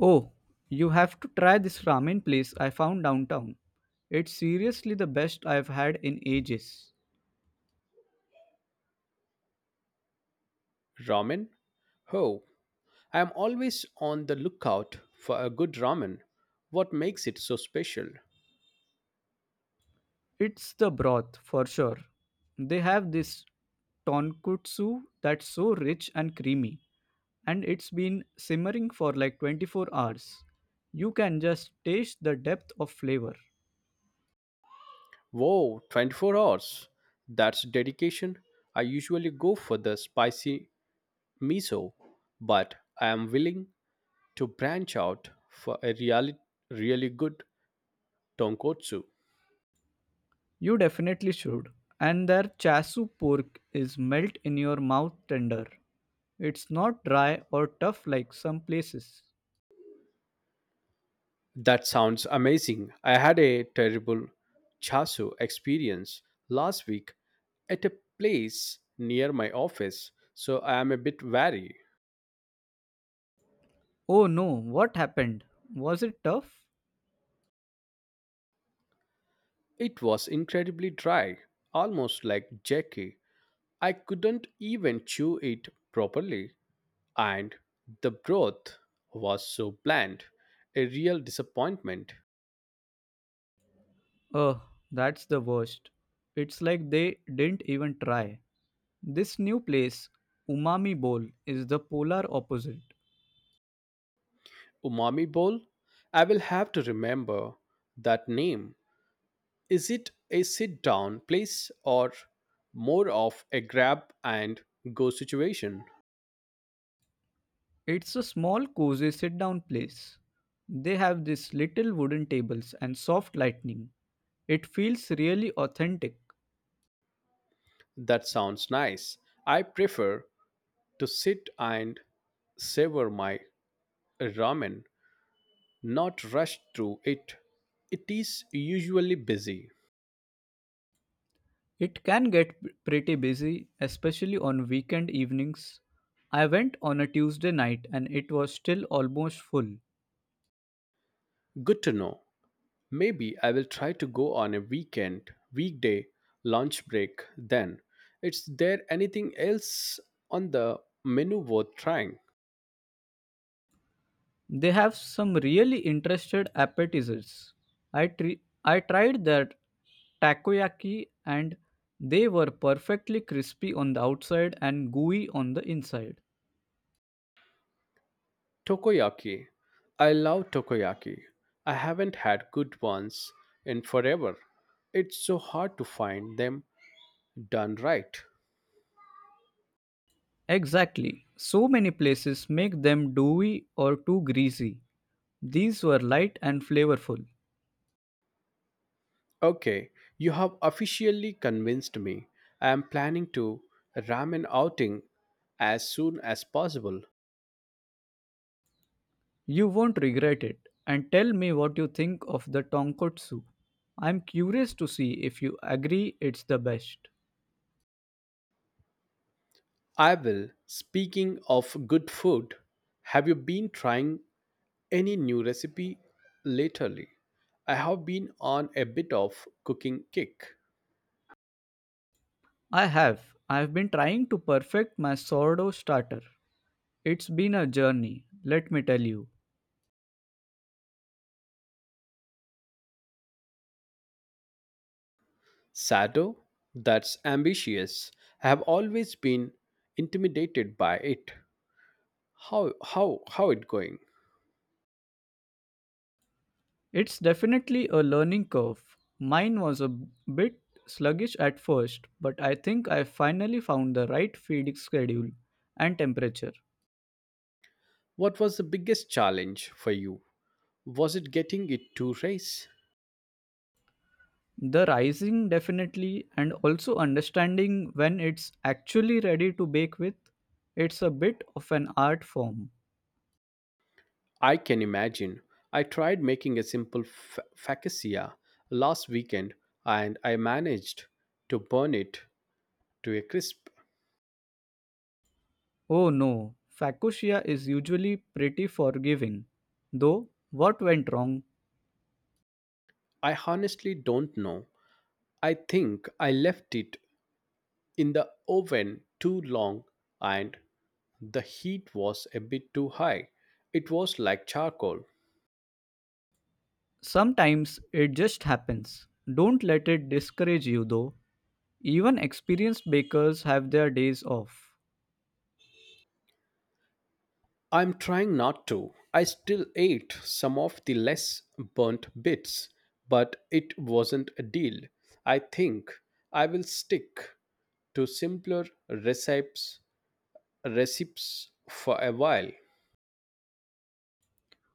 Oh, you have to try this ramen place I found downtown. It's seriously the best I've had in ages. Ramen? Oh, I am always on the lookout for a good ramen. What makes it so special? It's the broth, for sure. They have this tonkutsu that's so rich and creamy, and it's been simmering for like 24 hours. You can just taste the depth of flavor. Whoa, 24 hours. That's dedication. I usually go for the spicy miso, but I am willing to branch out for a really, really good tonkotsu. You definitely should. And their chasu pork is melt in your mouth tender. It's not dry or tough like some places. That sounds amazing. I had a terrible chasu experience last week at a place near my office, so I am a bit wary. Oh no, what happened? Was it tough? It was incredibly dry, almost like jerky. I couldn't even chew it properly, and the broth was so bland. A real disappointment. Oh, that's the worst. It's like they didn't even try. This new place, Umami Bowl, is the polar opposite. Umami bowl? I will have to remember that name. Is it a sit down place or more of a grab and go situation? It's a small, cozy sit down place. They have these little wooden tables and soft lighting. It feels really authentic. That sounds nice. I prefer to sit and savor my ramen not rushed through it. It is usually busy. It can get pretty busy, especially on weekend evenings. I went on a Tuesday night and it was still almost full. Good to know. Maybe I will try to go on a weekend, weekday, lunch break then. Is there anything else on the menu worth trying? They have some really interested appetizers. I, tri- I tried their takoyaki and they were perfectly crispy on the outside and gooey on the inside. Tokoyaki. I love tokoyaki. I haven't had good ones in forever. It's so hard to find them done right. Exactly. So many places make them doughy or too greasy. These were light and flavorful. Okay, you have officially convinced me. I am planning to ramen outing as soon as possible. You won't regret it. And tell me what you think of the tonkotsu. I'm curious to see if you agree it's the best. I will. Speaking of good food, have you been trying any new recipe lately? I have been on a bit of cooking kick. I have. I've been trying to perfect my sourdough starter. It's been a journey, let me tell you. Sado? That's ambitious. I have always been intimidated by it. How it going? It's definitely a learning curve. Mine was a bit sluggish at first, but I think I finally found the right feeding schedule and temperature. What was the biggest challenge for you? Was it getting it too race? The rising definitely, and also understanding when it's actually ready to bake with. It's a bit of an art form. I can imagine. I tried making a simple focaccia last weekend and I managed to burn it to a crisp. Oh no, Facosia is usually pretty forgiving. Though, what went wrong? I honestly don't know. I think I left it in the oven too long and the heat was a bit too high. It was like charcoal. Sometimes it just happens. Don't let it discourage you though. Even experienced bakers have their days off. I'm trying not to. I still ate some of the less burnt bits, but it wasn't a deal. I think I will stick to simpler recipes for a while.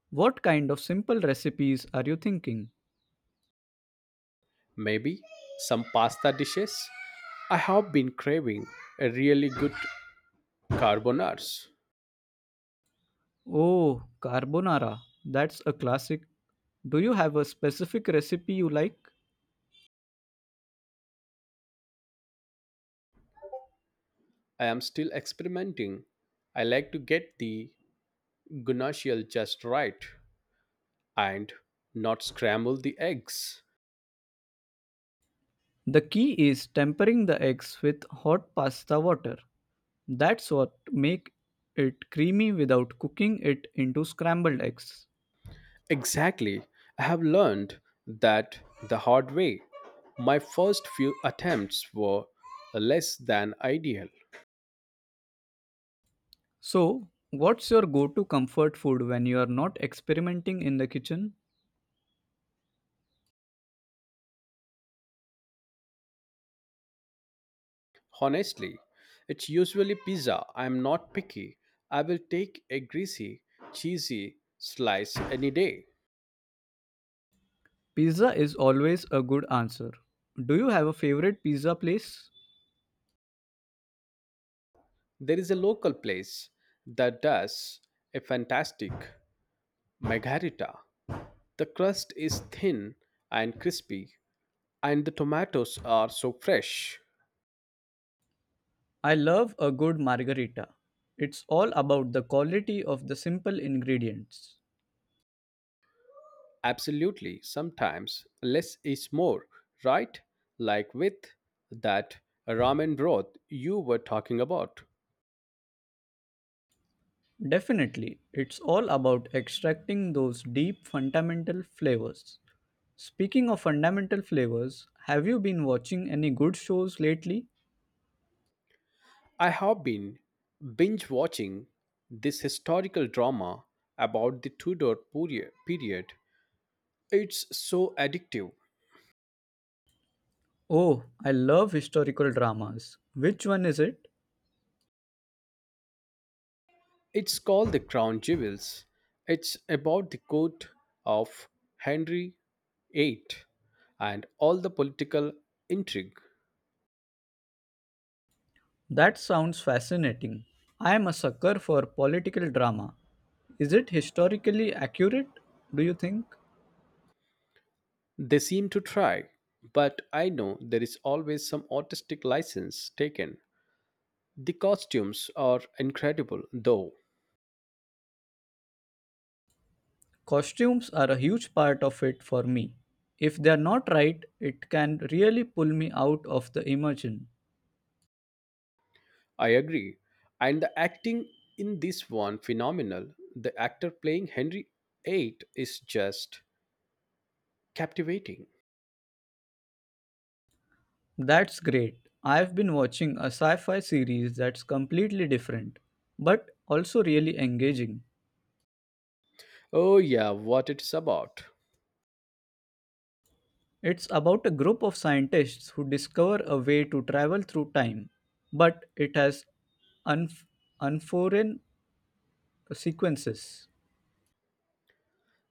What kind of simple recipes are you thinking? Maybe some pasta dishes. I have been craving a really good carbonaras. Oh, carbonara. That's a classic. Do you have a specific recipe you like? I am still experimenting. I like to get the guanciale just right and not scramble the eggs. The key is tempering the eggs with hot pasta water. That's what make it creamy without cooking it into scrambled eggs. Exactly. I have learned that the hard way. My first few attempts were less than ideal. So, what's your go-to comfort food when you are not experimenting in the kitchen? Honestly, it's usually pizza. I'm not picky. I will take a greasy, cheesy slice any day. Pizza is always a good answer. Do you have a favorite pizza place? There is a local place that does a fantastic margarita. The crust is thin and crispy, and the tomatoes are so fresh. I love a good margarita. It's all about the quality of the simple ingredients. Absolutely. Sometimes less is more, right? Like with that ramen broth you were talking about. Definitely, it's all about extracting those deep fundamental flavors. Speaking of fundamental flavors, have you been watching any good shows lately? I have been binge watching this historical drama about the Tudor period. It's so addictive. Oh, I love historical dramas. Which one is it? It's called The Crown Jewels. It's about the court of Henry VIII and all the political intrigue. That sounds fascinating. I am a sucker for political drama. Is it historically accurate, do you think? They seem to try, but I know there is always some artistic license taken. The costumes are incredible, though. Costumes are a huge part of it for me. If they are not right, it can really pull me out of the immersion. I agree. And the acting in this one phenomenal. The actor playing Henry VIII is just captivating. That's great. I've been watching a sci fi series that's completely different, but also really engaging. Oh yeah, what it's about. It's about a group of scientists who discover a way to travel through time, but it has unf- unforeign sequences.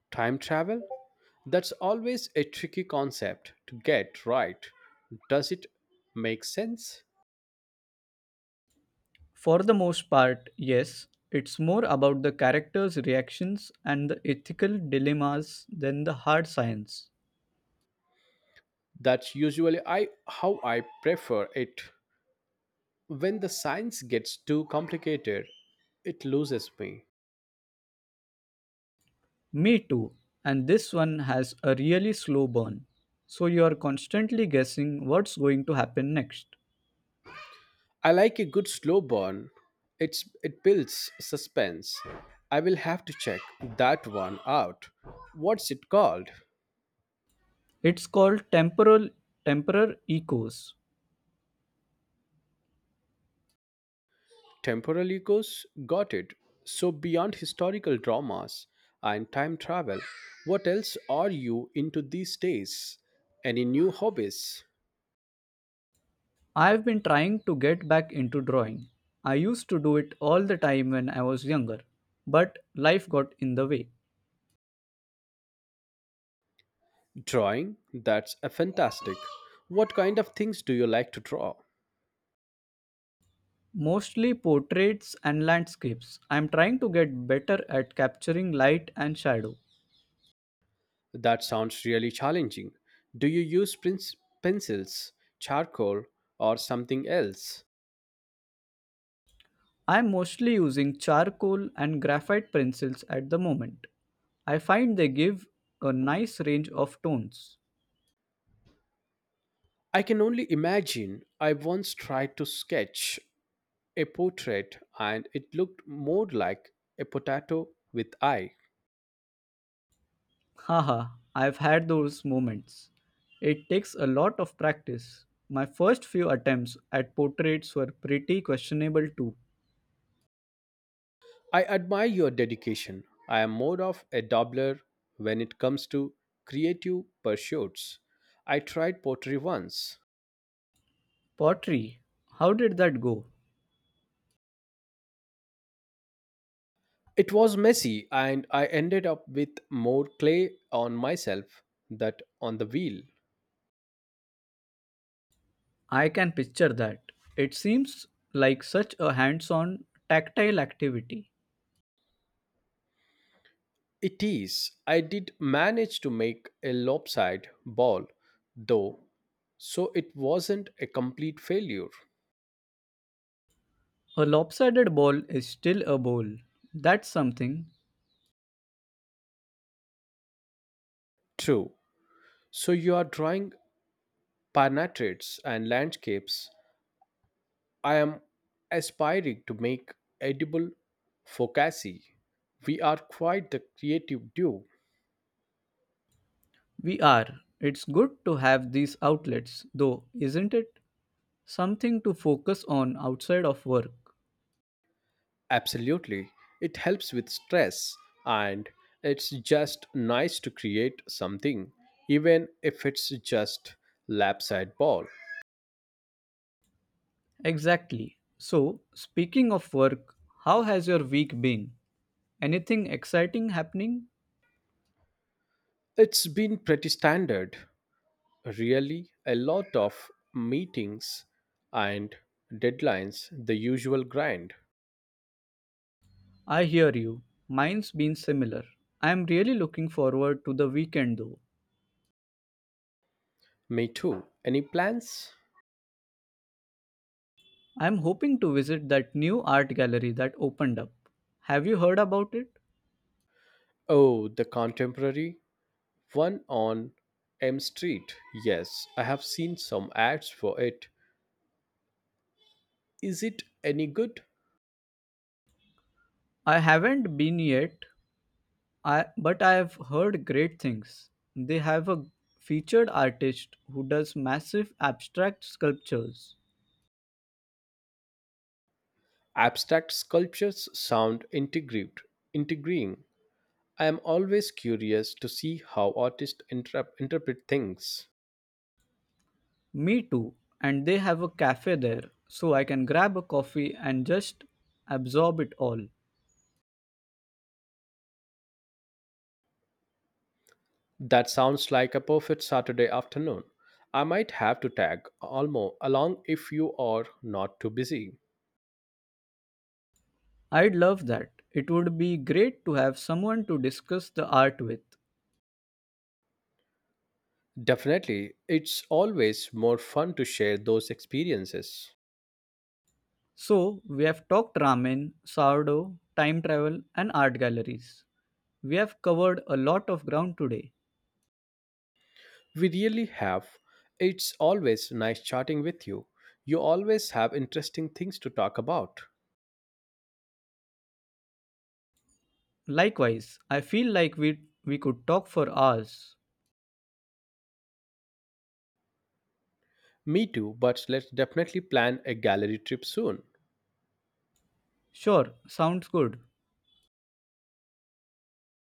Time travel? That's always a tricky concept to get right. Does it make sense? For the most part, yes, it's more about the characters' reactions and the ethical dilemmas than the hard science. That's usually I how I prefer it. When the science gets too complicated, it loses me. Me too. And this one has a really slow burn. So you are constantly guessing what's going to happen next. I like a good slow burn. It builds suspense. I will have to check that one out. What's it called? It's called temporal echoes. Temporal echoes? Got it. So beyond historical dramas and time travel, what else are you into these days? Any new hobbies? I've been trying to get back into drawing. I used to do it all the time when I was younger, but life got in the way. Drawing? That's a fantastic. What kind of things do you like to draw? Mostly portraits and landscapes. I'm trying to get better at capturing light and shadow. That sounds really challenging. Do you use pencils, charcoal, or something else? I'm mostly using charcoal and graphite pencils at the moment. I find they give a nice range of tones. I can only imagine. I once tried to sketch a portrait and it looked more like a potato with eye. Haha, I've had those moments. It takes a lot of practice. My first few attempts at portraits were pretty questionable too. I admire your dedication. I am more of a dabbler when it comes to creative pursuits. I tried pottery once. Pottery, how did that go? It was messy, and I ended up with more clay on myself that on the wheel. I can picture that. It seems like such a hands on, tactile activity. It is. I did manage to make a lopsided ball, though, so it wasn't a complete failure. A lopsided ball is still a bowl. That's something. True. So you are drawing portraits and landscapes. I am aspiring to make edible focaccia. We are quite the creative duo. We are. It's good to have these outlets, though, isn't it? Something to focus on outside of work. Absolutely. It helps with stress, and it's just nice to create something, even if it's just lap side ball. Exactly. So, speaking of work, how has your week been? Anything exciting happening? It's been pretty standard, really, a lot of meetings and deadlines, the usual grind. I hear you. Mine's been similar. I am really looking forward to the weekend though. Me too. Any plans? I am hoping to visit that new art gallery that opened up. Have you heard about it? Oh, the contemporary one on M Street. Yes, I have seen some ads for it. Is it any good? I haven't been yet, I but I have heard great things. They have a featured artist who does massive abstract sculptures. Abstract sculptures sound intriguing. I am always curious to see how artists interpret things. Me too. And they have a cafe there, so I can grab a coffee and just absorb it all. That sounds like a perfect Saturday afternoon. I might have to tag Almo along if you are not too busy. I'd love that. It would be great to have someone to discuss the art with. Definitely, it's always more fun to share those experiences. So, we have talked ramen, sourdough, time travel, and art galleries. We have covered a lot of ground today. We really have. It's always nice chatting with you. You always have interesting things to talk about. Likewise, I feel like we could talk for hours. Me too, but let's definitely plan a gallery trip soon. Sure, sounds good.